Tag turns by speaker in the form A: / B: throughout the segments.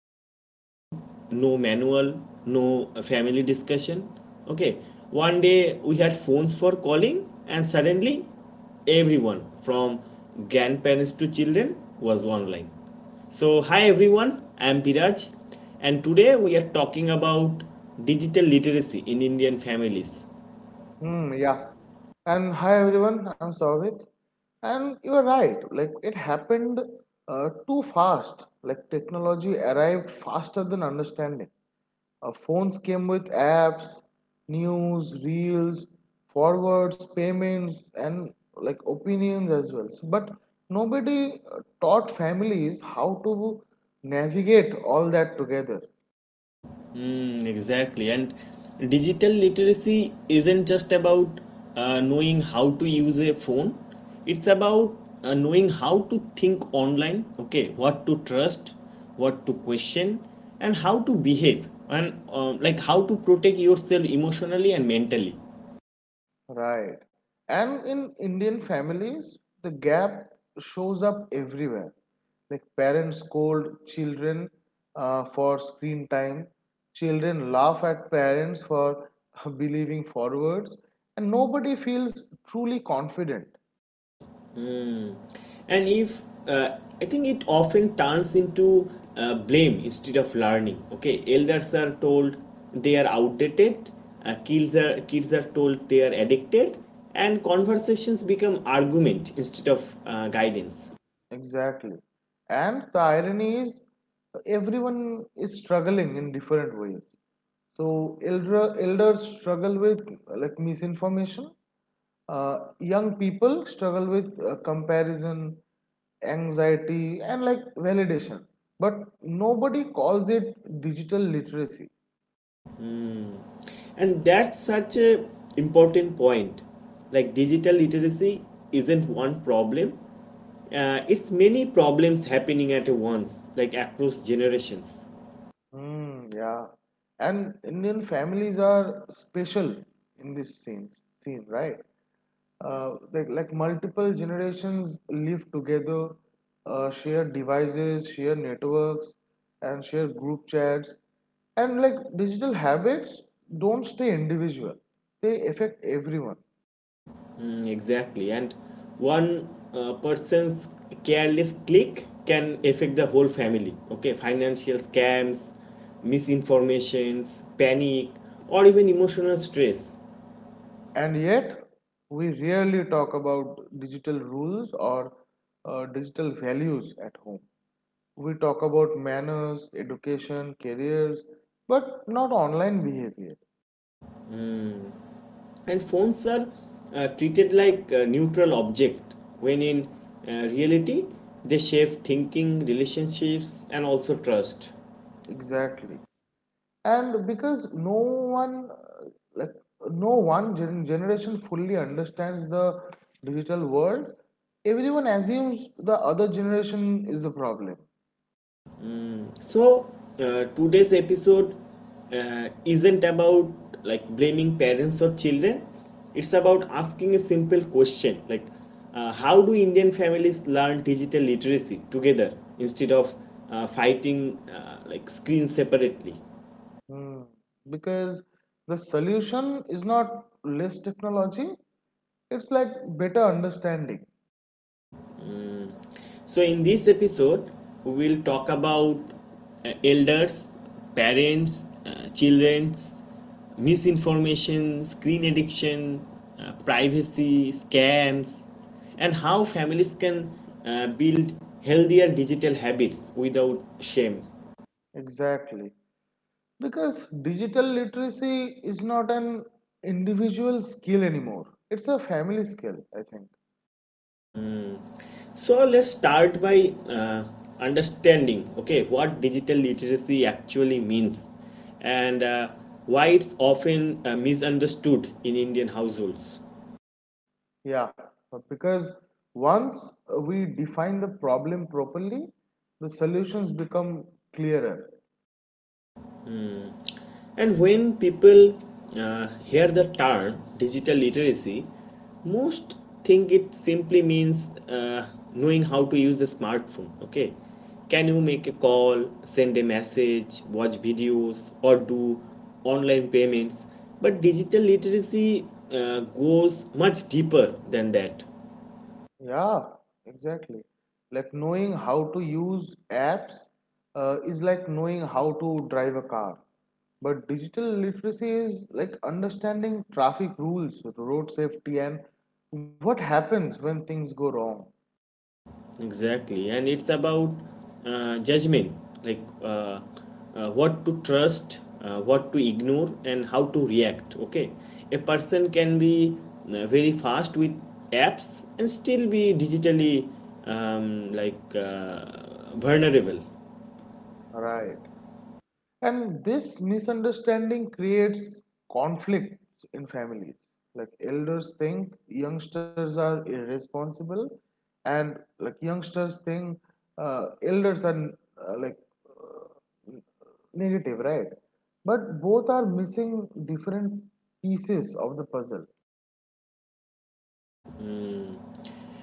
A: No training, no manual, no family discussion. Okay, one day we had phones for calling, and suddenly everyone from grandparents to children was online. So, hi everyone, I am Biraj, and today we are talking about digital literacy in Indian families.
B: Hmm, yeah. And hi everyone, I'm Savik. And you are right, like it happened too fast. Like technology arrived faster than understanding. Phones came with apps, news, reels, forwards, payments, and like opinions as well. So, but nobody taught families how to navigate all that together.
A: Mm, exactly. And digital literacy isn't just about knowing how to use a phone, it's about knowing how to think online, okay, what to trust, what to question, and how to behave, and like how to protect yourself emotionally and mentally.
B: Right. And in Indian families, the gap shows up everywhere. Like parents scold children for screen time, children laugh at parents for believing forwards, and nobody feels truly confident.
A: Mm. and if I think it often turns into blame instead of learning. Okay, elders are told they are outdated, kids are told they are addicted, and conversations become argument instead of guidance.
B: Exactly. And the irony is, everyone is struggling in different ways. So elders struggle with like misinformation. Young people struggle with comparison, anxiety, and like validation. But nobody calls it digital literacy.
A: And that's such a important point. Like digital literacy isn't one problem, it's many problems happening at once, like across generations.
B: Mm, yeah. And Indian families are special in this scene, right? Like multiple generations live together, share devices, share networks, and share group chats. And like digital habits don't stay individual, they affect everyone.
A: Mm, exactly. And one person's careless click can affect the whole family. Okay, financial scams, misinformations, panic, or even emotional stress.
B: And yet, we rarely talk about digital rules or digital values at home. We talk about manners, education, careers, but not online behavior.
A: And phones are treated like a neutral object, when in reality, they shape thinking, relationships, and also trust.
B: Exactly. And because no one, like no one generation fully understands the digital world, everyone assumes the other generation is the problem.
A: So, today's episode isn't about like blaming parents or children. It's about asking a simple question like, how do Indian families learn digital literacy together instead of fighting like screens separately?
B: Hmm. Because the solution is not less technology, it's like better understanding.
A: So, in this episode, we'll talk about elders, parents, children's misinformation, screen addiction, privacy, scams, and how families can build healthier digital habits without shame.
B: Exactly. Because digital literacy is not an individual skill anymore. It's a family skill, I think.
A: So, let's start by understanding okay what digital literacy actually means and why it's often misunderstood in Indian households.
B: Yeah, because once we define the problem properly, the solutions become clearer.
A: And when people hear the term digital literacy, most think it simply means knowing how to use a smartphone. Okay, can you make a call, send a message, watch videos, or do online payments? But digital literacy goes much deeper than that.
B: Yeah, exactly. Like knowing how to use apps is like knowing how to drive a car. But digital literacy is like understanding traffic rules, road safety, and what happens when things go wrong.
A: Exactly, and it's about judgment, like what to trust, what to ignore, and how to react. Okay, a person can be very fast with apps and still be digitally like vulnerable.
B: Right. And this misunderstanding creates conflicts in families. Like elders think youngsters are irresponsible, and like youngsters think elders are uh, like uh, negative, right? But both are missing different pieces of the puzzle.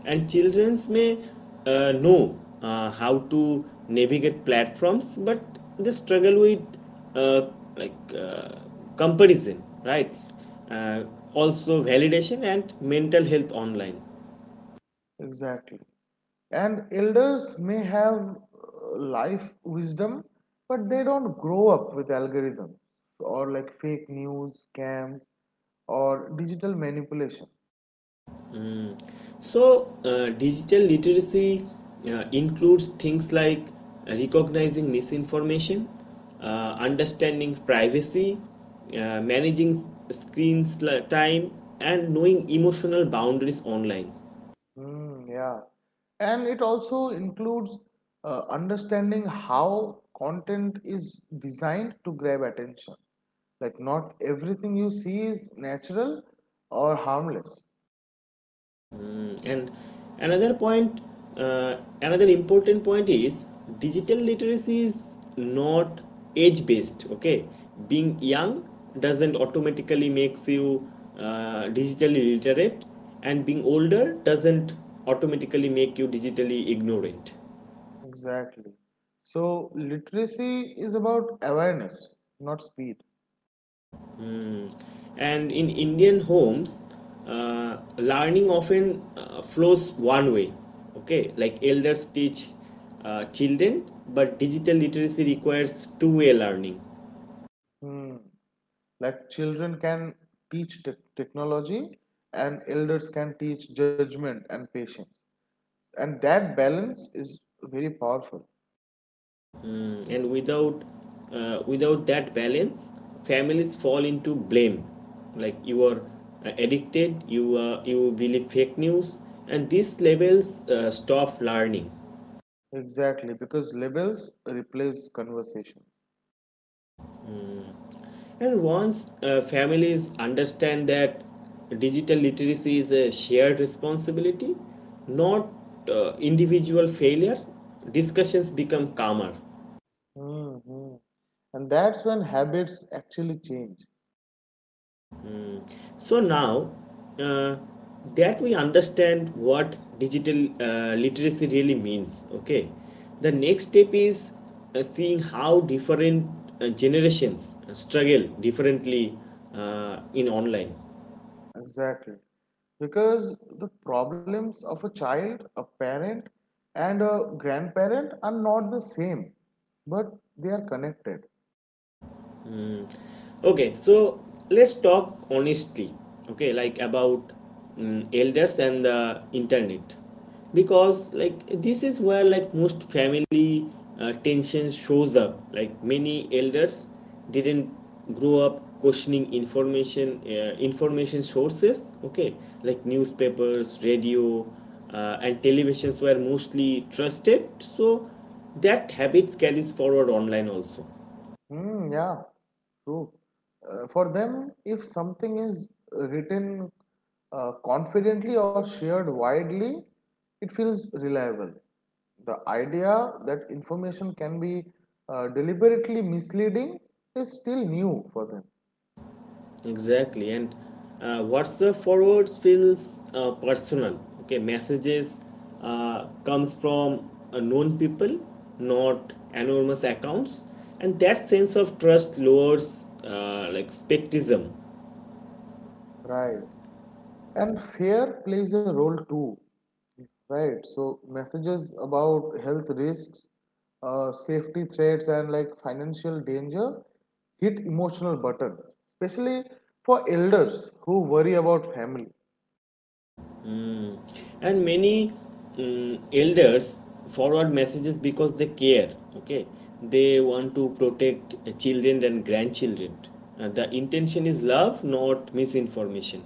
A: And childrens may know how to navigate platforms, but they struggle with uh, like comparison, right? uh, Also validation and mental health online.
B: Exactly. And elders may have life wisdom, but they don't grow up with algorithms or like fake news, scams, or digital manipulation.
A: So digital literacy includes things like recognizing misinformation, understanding privacy, managing screens, like, time, and knowing emotional boundaries online.
B: Hmm, yeah. And it also includes understanding how content is designed to grab attention. Like, not everything you see is natural or harmless.
A: Mm, and another point, another important point is digital literacy is not age based. Okay, being young doesn't automatically makes you digitally literate, and being older doesn't automatically make you digitally ignorant.
B: Exactly. So, literacy is about awareness, not speed.
A: Mm. And in Indian homes, learning often flows one way. Okay, like elders teach children, but digital literacy requires two-way learning.
B: Hmm. Like children can teach technology and elders can teach judgment and patience. And that balance is very powerful.
A: Mm. And without that balance, families fall into blame. Like you are addicted, you believe fake news, and these labels stop learning.
B: Exactly, because labels replace conversations.
A: And once families understand that digital literacy is a shared responsibility, not individual failure, discussions become calmer.
B: Hmm. And that's when habits actually change.
A: So now uh, that we understand what digital literacy really means, okay, the next step is seeing how different generations struggle differently in online.
B: Exactly. Because the problems of a child, a parent, and a grandparent are not the same, but they are connected.
A: Okay, so let's talk honestly, okay, like about elders and the internet, because like this is where like most family tension shows up. Like many elders didn't grow up questioning information, information sources, okay, like newspapers, radio, and televisions were mostly trusted. So that habits carries forward online also.
B: Hmm, yeah, true. For them, if something is written confidently or shared widely, it feels reliable. The idea that information can be deliberately misleading is still new for them.
A: Exactly, and WhatsApp forwards feels personal. Okay, messages comes from known people, not anonymous accounts, and that sense of trust lowers like skepticism.
B: Right. And fear plays a role too, right? So messages about health risks, safety threats, and like financial danger hit emotional buttons, especially for elders who worry about family.
A: Mm. And many elders forward messages because they care. Okay, they want to protect children and grandchildren. The intention is love, not misinformation.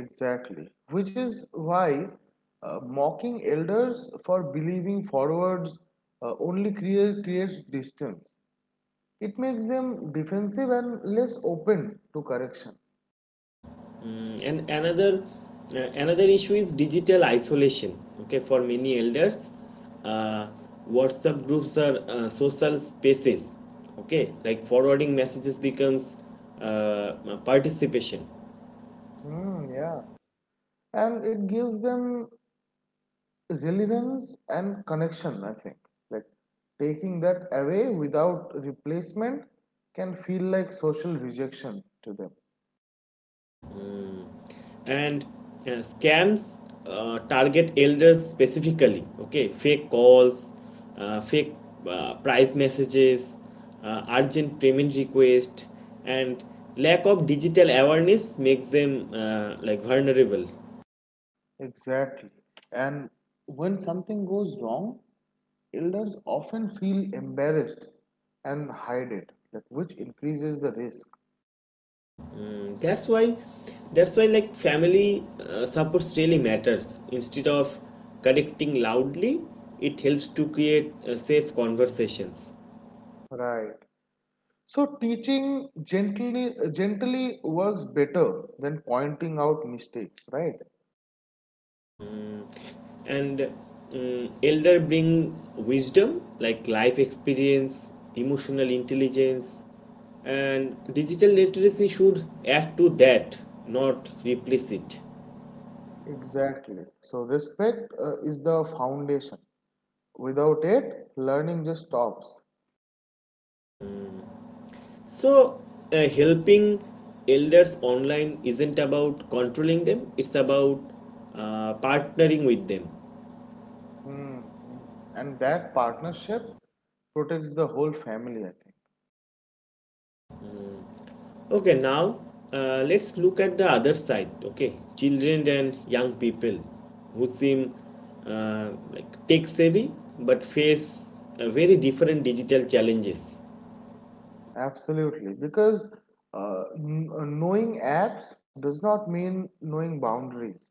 B: Exactly, which is why mocking elders for believing forwards only creates distance. It makes them defensive and less open to correction.
A: Mm, and another issue is digital isolation. Okay, for many elders, uh, WhatsApp groups are social spaces. Okay, like forwarding messages becomes uh, participation.
B: Hmm, yeah. And it gives them relevance and connection, I think. Like taking that away without replacement can feel like social rejection to them.
A: And scams target elders specifically. Okay, fake calls, fake price messages, urgent payment request, and lack of digital awareness makes them like vulnerable.
B: Exactly. And when something goes wrong, elders often feel embarrassed and hide it, like which increases the risk.
A: Mm, that's why that's why like family supports really matters. Instead of correcting loudly, it helps to create safe conversations.
B: Right. So teaching gently works better than pointing out mistakes, right?
A: And elder bring wisdom, like life experience, emotional intelligence, and digital literacy should add to that, not replace it.
B: Exactly. So, respect is the foundation. Without it, learning just stops.
A: So helping elders online isn't about controlling them, it's about partnering with them.
B: Hmm, hmm. And that partnership protects the whole family, I think.
A: Okay, now let's look at the other side. Okay, children and young people who seem like tech savvy but face very different digital challenges.
B: Absolutely. Because knowing apps does not mean knowing boundaries.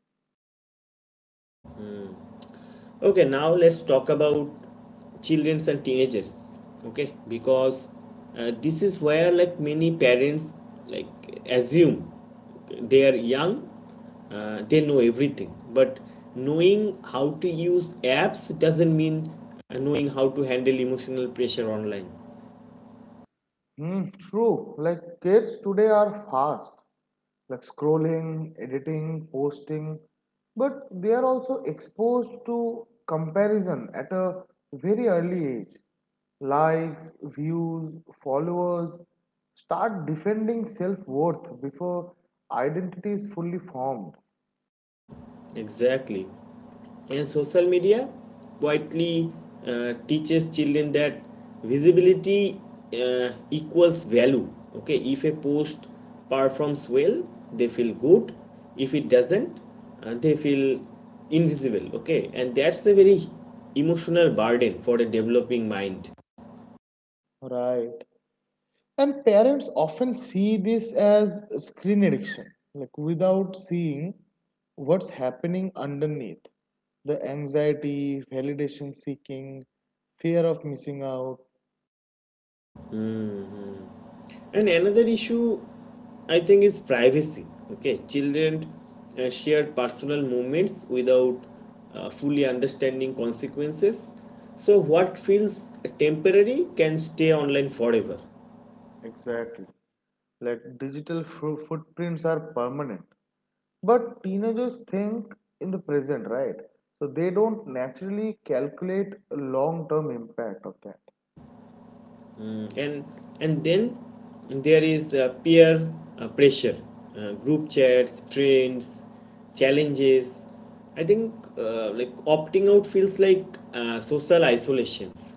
A: Okay, now let's talk about childrens and teenagers. Okay, because this is where like many parents like assume they are young, they know everything. But knowing how to use apps doesn't mean knowing how to handle emotional pressure online.
B: Mm, true. Like kids today are fast, like scrolling, editing, posting, but they are also exposed to comparison at a very early age. Likes, views, followers start defending self worth before identity is fully formed.
A: Exactly. And social media widely teaches children that visibility equals value. Okay, if a post performs well they feel good, if it doesn't they feel invisible. Okay, and that's a very emotional burden for a developing mind.
B: Right. And parents often see this as screen addiction, like without seeing what's happening underneath the anxiety, validation seeking, fear of missing out.
A: And another issue, I think, is privacy. Okay, children share personal moments without fully understanding consequences. So, what feels temporary can stay online forever.
B: Exactly. Like digital footprints are permanent. But teenagers think in the present, right? So they don't naturally calculate long term impact of that.
A: Mm. And then there is peer pressure, group chats, trends, challenges. I think like opting out feels like social isolations.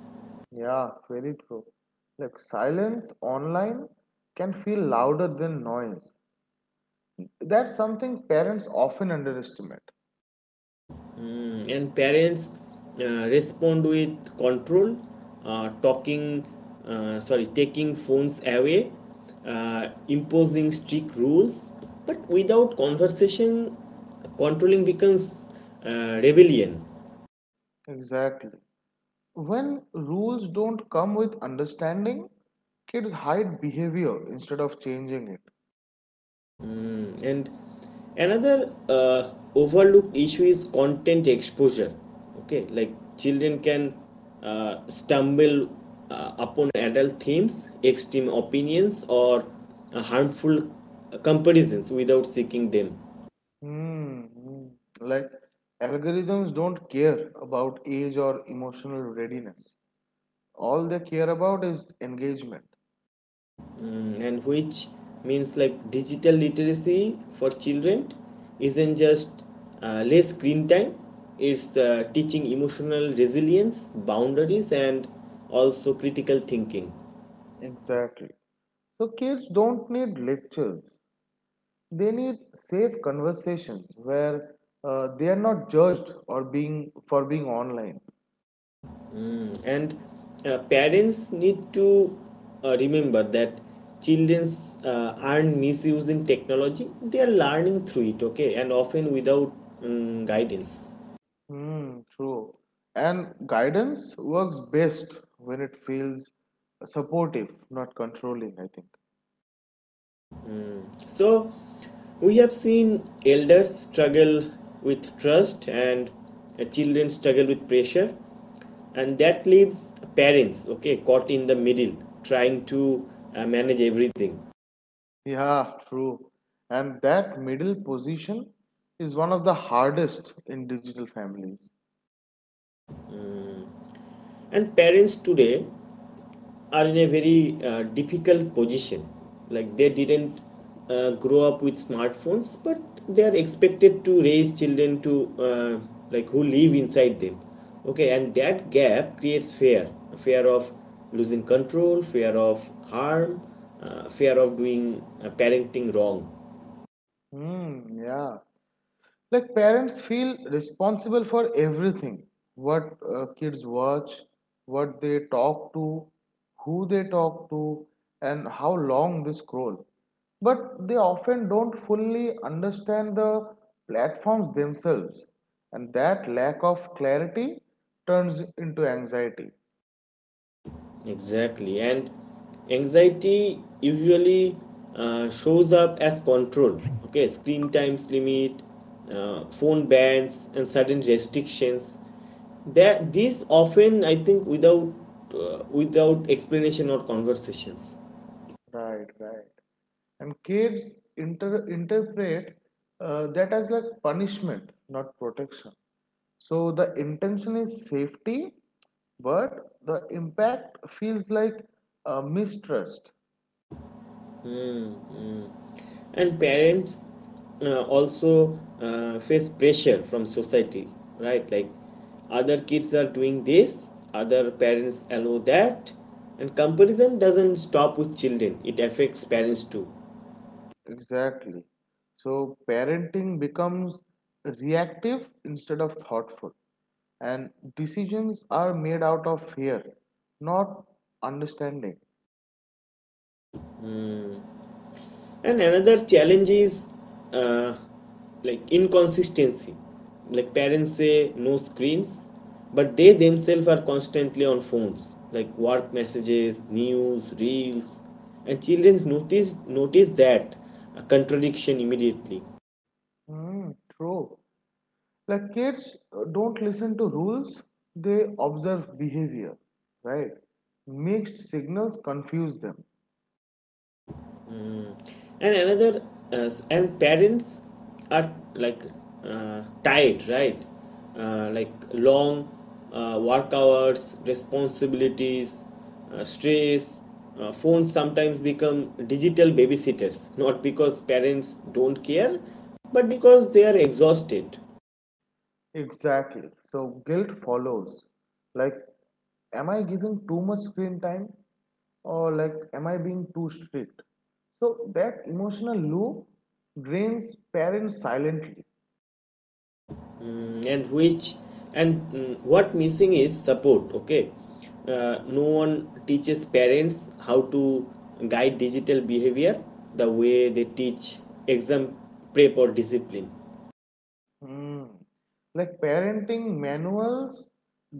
B: Yeah, very true. Like silence online can feel louder than noise. That's something parents often underestimate.
A: Mm, and parents respond with control, talking, sorry, taking phones away, imposing strict rules. But without conversation, controlling becomes rebellion.
B: Exactly. When rules don't come with understanding, kids hide behavior instead of changing it.
A: And another overlooked issue is content exposure. Okay, like children can stumble upon adult themes, extreme opinions, or harmful comparisons without seeking them.
B: Hmm, hmm. Like algorithms don't care about age or emotional readiness. All they care about is engagement.
A: Mm, and which means like digital literacy for children isn't just less screen time, it's teaching emotional resilience, boundaries, and also critical thinking.
B: Exactly. So kids don't need lectures. They need safe conversations where they are not judged or being for being online.
A: And parents need to remember that childrens aren't misusing technology, they are learning through it. Okay, and often without guidance.
B: Hmm, true. And guidance works best when it feels supportive, not controlling, I think.
A: So we have seen elders struggle with trust and children struggle with pressure, and that leaves parents, okay, caught in the middle, trying to manage everything.
B: Yeah, true. And that middle position is one of the hardest in digital families.
A: And parents today are in a very difficult position. Like they didn't grow up with smartphones, but they are expected to raise children to like who live inside them. Okay, and that gap creates fear, fear of losing control, fear of harm, fear of doing parenting wrong.
B: Hmm, yeah. Like parents feel responsible for everything, what kids watch, what they talk to, who they talk to, and how long they scroll, but they often don't fully understand the platforms themselves, and that lack of clarity turns into anxiety.
A: Exactly. And anxiety usually shows up as control. Okay, screen times limit, phone bans, and certain restrictions. That these often, I think, without without explanation or conversations.
B: Right, right. And kids interpret that as like punishment, not protection. So the intention is safety, but the impact feels like mistrust.
A: Mm. And parents also face pressure from society, right? Like other kids are doing this, other parents allow that, and comparison doesn't stop with children, it affects parents too.
B: Exactly. So parenting becomes reactive instead of thoughtful, and decisions are made out of fear, not understanding.
A: And another challenge is uh, like inconsistency. Like parents say no screens but they themselves are constantly on phones, like work messages, news, reels, and children notice that a contradiction immediately.
B: Hmm, true. Like kids don't listen to rules, they observe behavior, right? Mixed signals confuse them.
A: Mm. And another and parents are like tired, right? Like long work hours, responsibilities, stress, phones sometimes become digital babysitters, not because parents don't care but because they are exhausted.
B: Exactly. So guilt follows, like am I giving too much screen time or like am I being too strict? So that emotional loop drains parents silently.
A: And which and mm, what missing is support. Okay, no one teaches parents how to guide digital behavior the way they teach exam prep or discipline.
B: Hmm. Like parenting manuals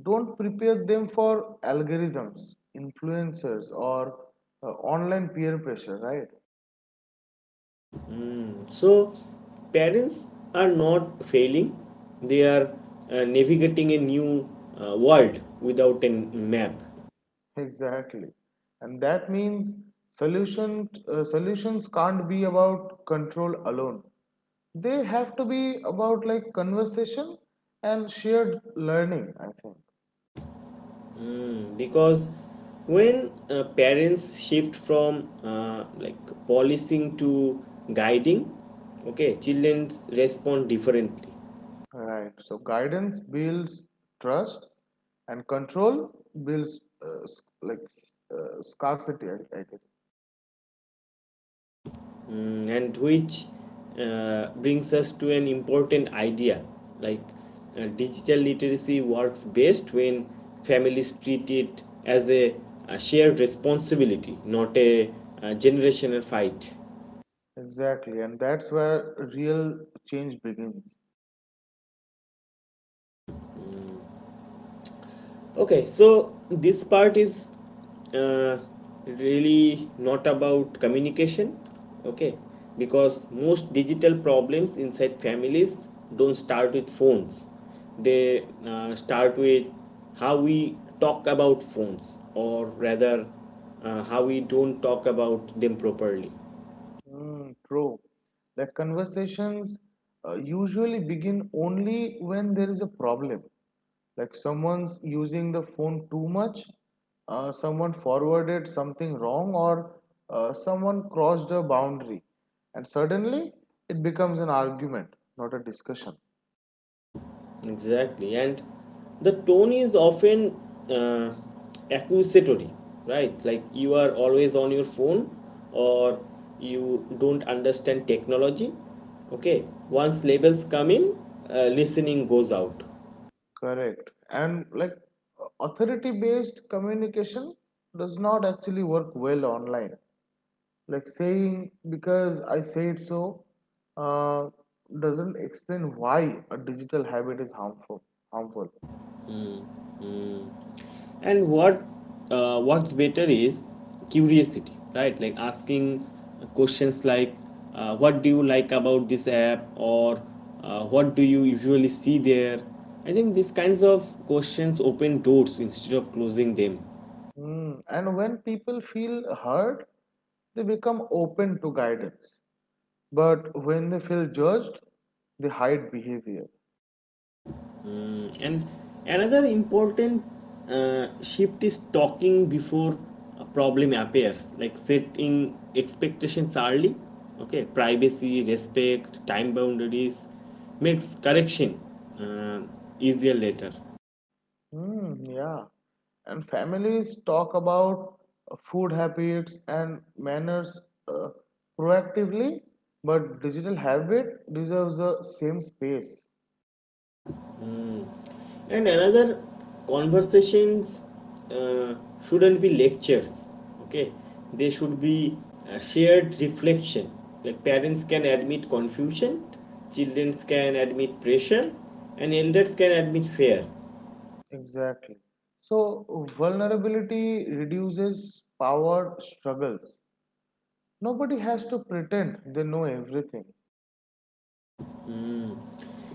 B: don't prepare them for algorithms, influencers, or uh, online peer pressure, right?
A: So parents are not failing, they are navigating a new world without a map.
B: Exactly. And that means solutions can't be about control alone. They have to be about like conversation and shared learning, I think.
A: Hmm, because when parents shift from like policing to guiding, okay, children respond differently.
B: Right. So guidance builds trust, and control builds like scarcity, I guess.
A: Mm, and which brings us to an important idea, like digital literacy works best when families treat it as a shared responsibility, not a generational fight.
B: Exactly, and that's where real change begins.
A: Okay, so this part is uh, really not about communication, okay? Because most digital problems inside families don't start with phones, they start with how we talk about phones, or rather, how we don't talk about them properly.
B: Mm, true. That conversations usually begin only when there is a problem. Like someone's using the phone too much, someone forwarded something wrong, or someone crossed a boundary. And suddenly it becomes an argument, not a discussion.
A: Exactly, and the tone is often uh, accusatory, right? Like you are always on your phone, or you don't understand technology. Okay, once labels come in, listening goes out.
B: Correct. And like authority based communication does not actually work well online. Like saying because I say it so uh, doesn't explain why a digital habit is harmful.
A: And what's better is curiosity, right? Like asking questions like, what do you like about this app, or what do you usually see there? I think these kinds of questions open doors instead of closing them.
B: Mm, and when people feel hurt, they become open to guidance, but when they feel judged, they hide behavior.
A: Mm, and another important shift is talking before a problem appears, like setting expectations early. Okay, privacy, respect, time boundaries makes correction uh, easier later.
B: Mm, yeah. And families talk about food habits and manners uh, proactively, but digital habit deserves the same space.
A: And another, conversations uh, shouldn't be lectures, okay? They should be a shared reflection. Like parents can admit confusion, children can admit pressure, and elders can admit fear.
B: Exactly. So vulnerability reduces power struggles. Nobody has to pretend they know everything.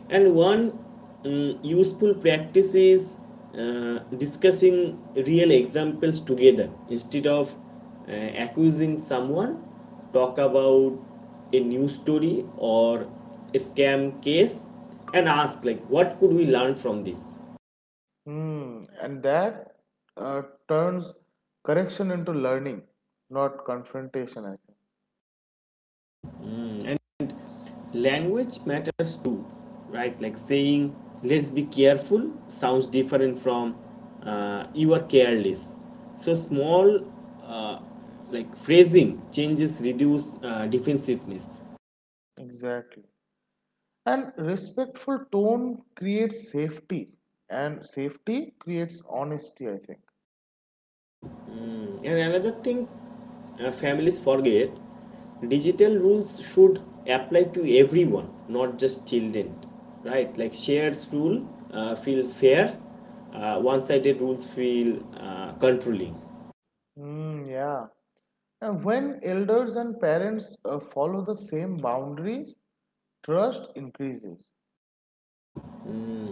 A: And one useful practice is discussing real examples together instead of uh, accusing someone. Talk about a news story or a scam case and ask, like, what could we learn from this?
B: Hmm. And that uh, turns correction into learning, not confrontation, I think.
A: Mm, Language matters too, right? Like saying "let's be careful" sounds different from "you are careless". So small uh, like phrasing changes reduce defensiveness.
B: Exactly. And respectful tone creates safety, and safety creates honesty, I think.
A: And another thing families forget: digital rules should apply to everyone, not just children, right? Like shares rule feel fair, one-sided rules feel controlling.
B: Mm, yeah. And when elders and parents follow the same boundaries, trust increases.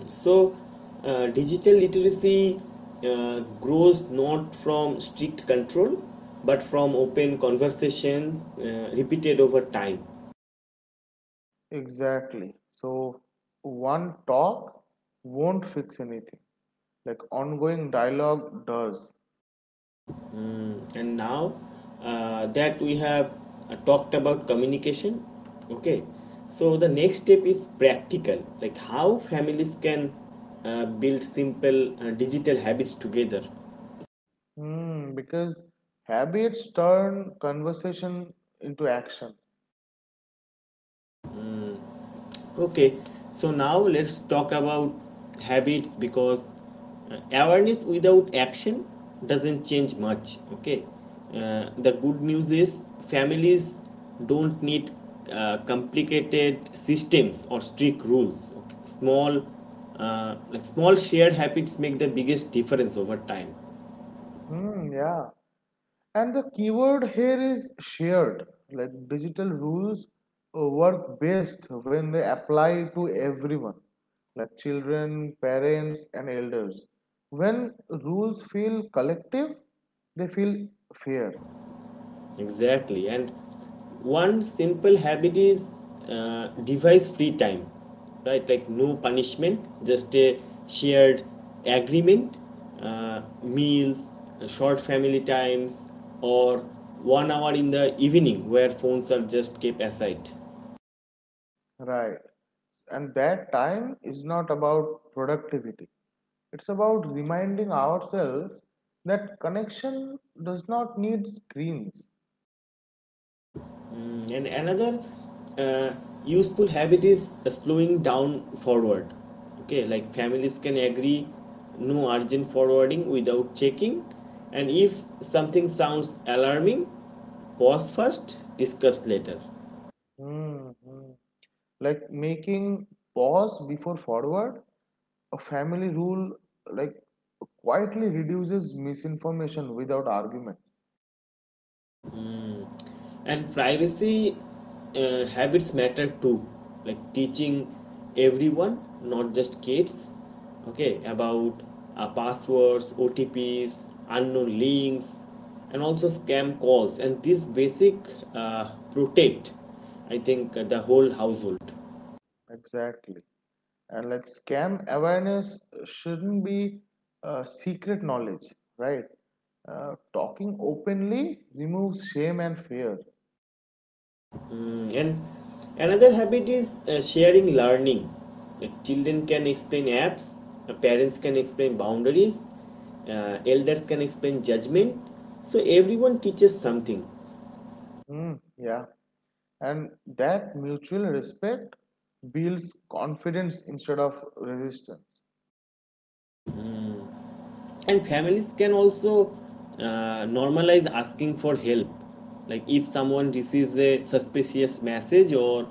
A: So, digital literacy grows not from strict control but from open conversations repeated over time.
B: Exactly. So one talk won't fix anything. Like ongoing dialogue does.
A: And now that we have talked about communication, okay, so the next step is practical, like how families can build simple digital habits together.
B: Hmm, because habits turn conversation into action.
A: Okay, so now let's talk about habits, because awareness without action doesn't change much. Okay, the good news is families don't need complicated systems or strict rules. Okay? Small, like small shared habits make the biggest difference over time.
B: Hmm, yeah. And the keyword here is shared. Like digital rules work best when they apply to everyone, like children, parents, and elders. When rules feel collective, they feel fair.
A: Exactly. And one simple habit is device free time, right? Like no punishment, just a shared agreement, meals, short family times, or 1 hour in the evening where phones are just kept aside.
B: Right. And that time is not about productivity. It's about reminding ourselves that connection does not need screens.
A: Mm, and another uh, useful habit is slowing down forward, okay, like families can agree no urgent forwarding without checking, and if something sounds alarming, pause first, discuss later.
B: Hmm, hmm. Like making pause before forward, a family rule like quietly reduces misinformation without argument.
A: And privacy habits matter too, like teaching everyone, not just kids, okay, about passwords, otps, unknown links, and also scam calls, and this basic uh, protect, I think, the whole household.
B: Exactly. And like scam awareness shouldn't be secret knowledge, right? Talking openly removes shame and fear.
A: And another habit is sharing learning. Like children can explain apps, parents can explain boundaries, elders can explain judgment. So everyone teaches something.
B: Mm, yeah. And that mutual respect builds confidence instead of resistance.
A: And families can also normalize asking for help. Like if someone receives a suspicious message or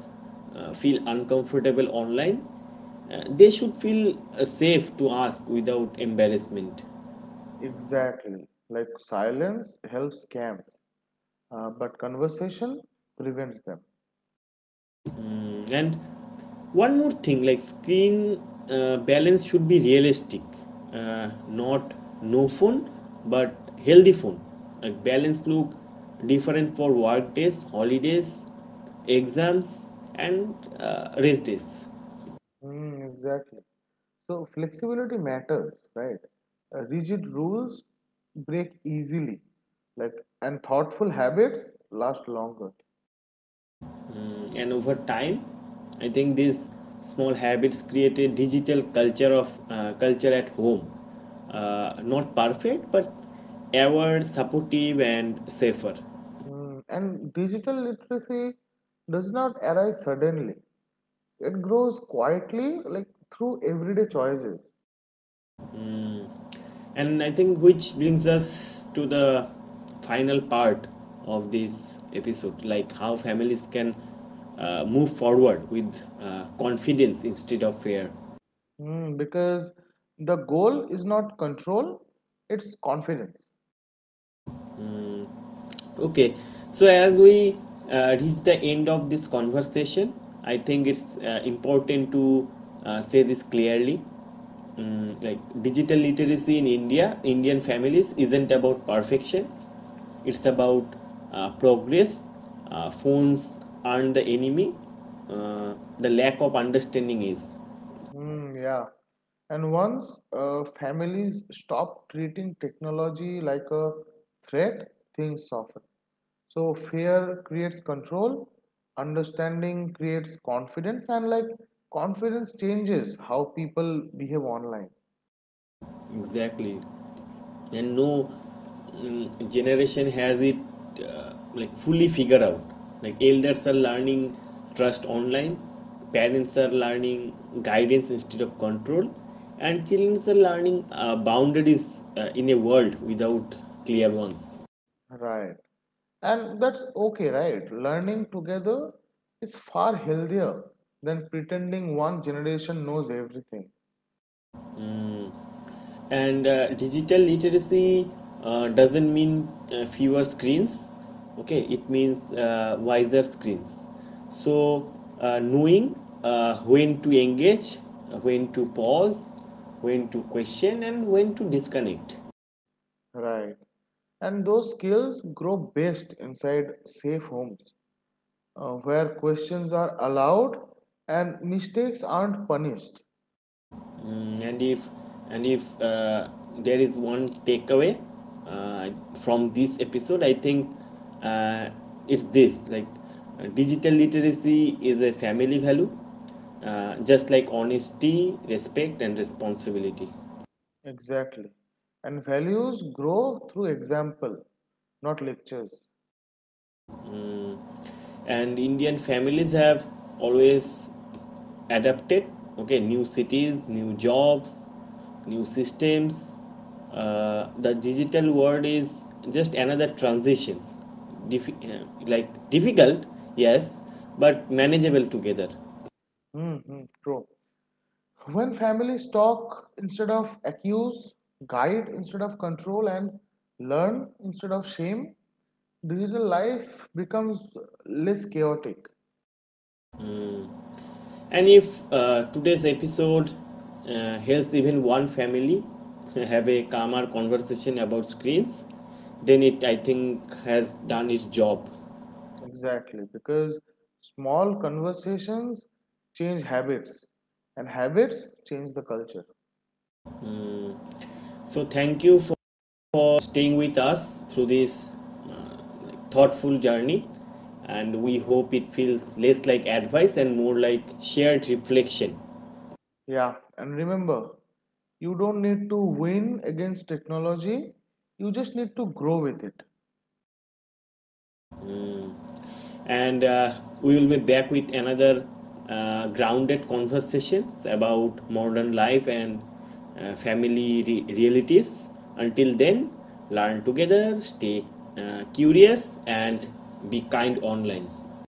A: feel uncomfortable online, they should feel safe to ask without embarrassment.
B: Exactly. Like silence helps scams, but conversation prevents them.
A: And one more thing, like screen balance should be realistic, not no phone, but healthy phone. Like balance look different for work days, holidays, exams, and rest days.
B: Mm, exactly. So flexibility matters, right? Rigid rules break easily, like, and thoughtful habits last longer.
A: And over time, I think these small habits create a digital culture of culture at home. Not perfect, but ever supportive and safer.
B: Mm, and digital literacy does not arise suddenly. It grows quietly, like through everyday choices.
A: And, I think, which brings us to the final part of this episode, like how families can move forward with confidence instead of fear.
B: Mm, because the goal is not control, it's confidence.
A: Okay, so as we reach the end of this conversation, I think it's important to say this clearly. Mm, like digital literacy in India, Indian families, isn't about perfection. It's about progress. Phones aren't the enemy. The lack of understanding is.
B: Mm, yeah. And once families stop treating technology like a threat, things soften. So fear creates control, understanding creates confidence, and like confidence changes how people behave online.
A: Exactly. And no, generation has it uh, like fully figured out. Like elders are learning trust online, parents are learning guidance instead of control, and children are learning boundaries in a world without clear ones.
B: Right. And that's okay, right? Learning together is far healthier than pretending one generation knows everything.
A: And digital literacy doesn't mean fewer screens, okay, it means wiser screens. So, knowing when to engage, when to pause, when to question, and when to disconnect.
B: Right. And those skills grow best inside safe homes where questions are allowed and mistakes aren't punished.
A: Mm, and if there is one takeaway uh, from this episode, I think uh, it's this: like digital literacy is a family value, just like honesty, respect, and responsibility.
B: Exactly. And values grow through example, not lectures.
A: Mm. And Indian families have always adapted, okay, new cities, new jobs, new systems. Uh, the digital world is just another transitions. Dif- uh, like difficult, yes, but manageable together.
B: Mm-hmm, true. When families talk instead of accuse, guide instead of control, and learn instead of shame, digital life becomes less chaotic.
A: And if today's episode helps even one family have a calmer conversation about screens, then it, I think, has done its job.
B: Exactly, because small conversations change habits, and habits change the culture.
A: So thank you for staying with us through this uh, like, thoughtful journey, and we hope it feels less like advice and more like shared reflection.
B: Yeah, and remember, you don't need to win against technology, you just need to grow with it.
A: And we will be back with another grounded conversations about modern life and realities. Until then, learn together, stay curious, and be kind online.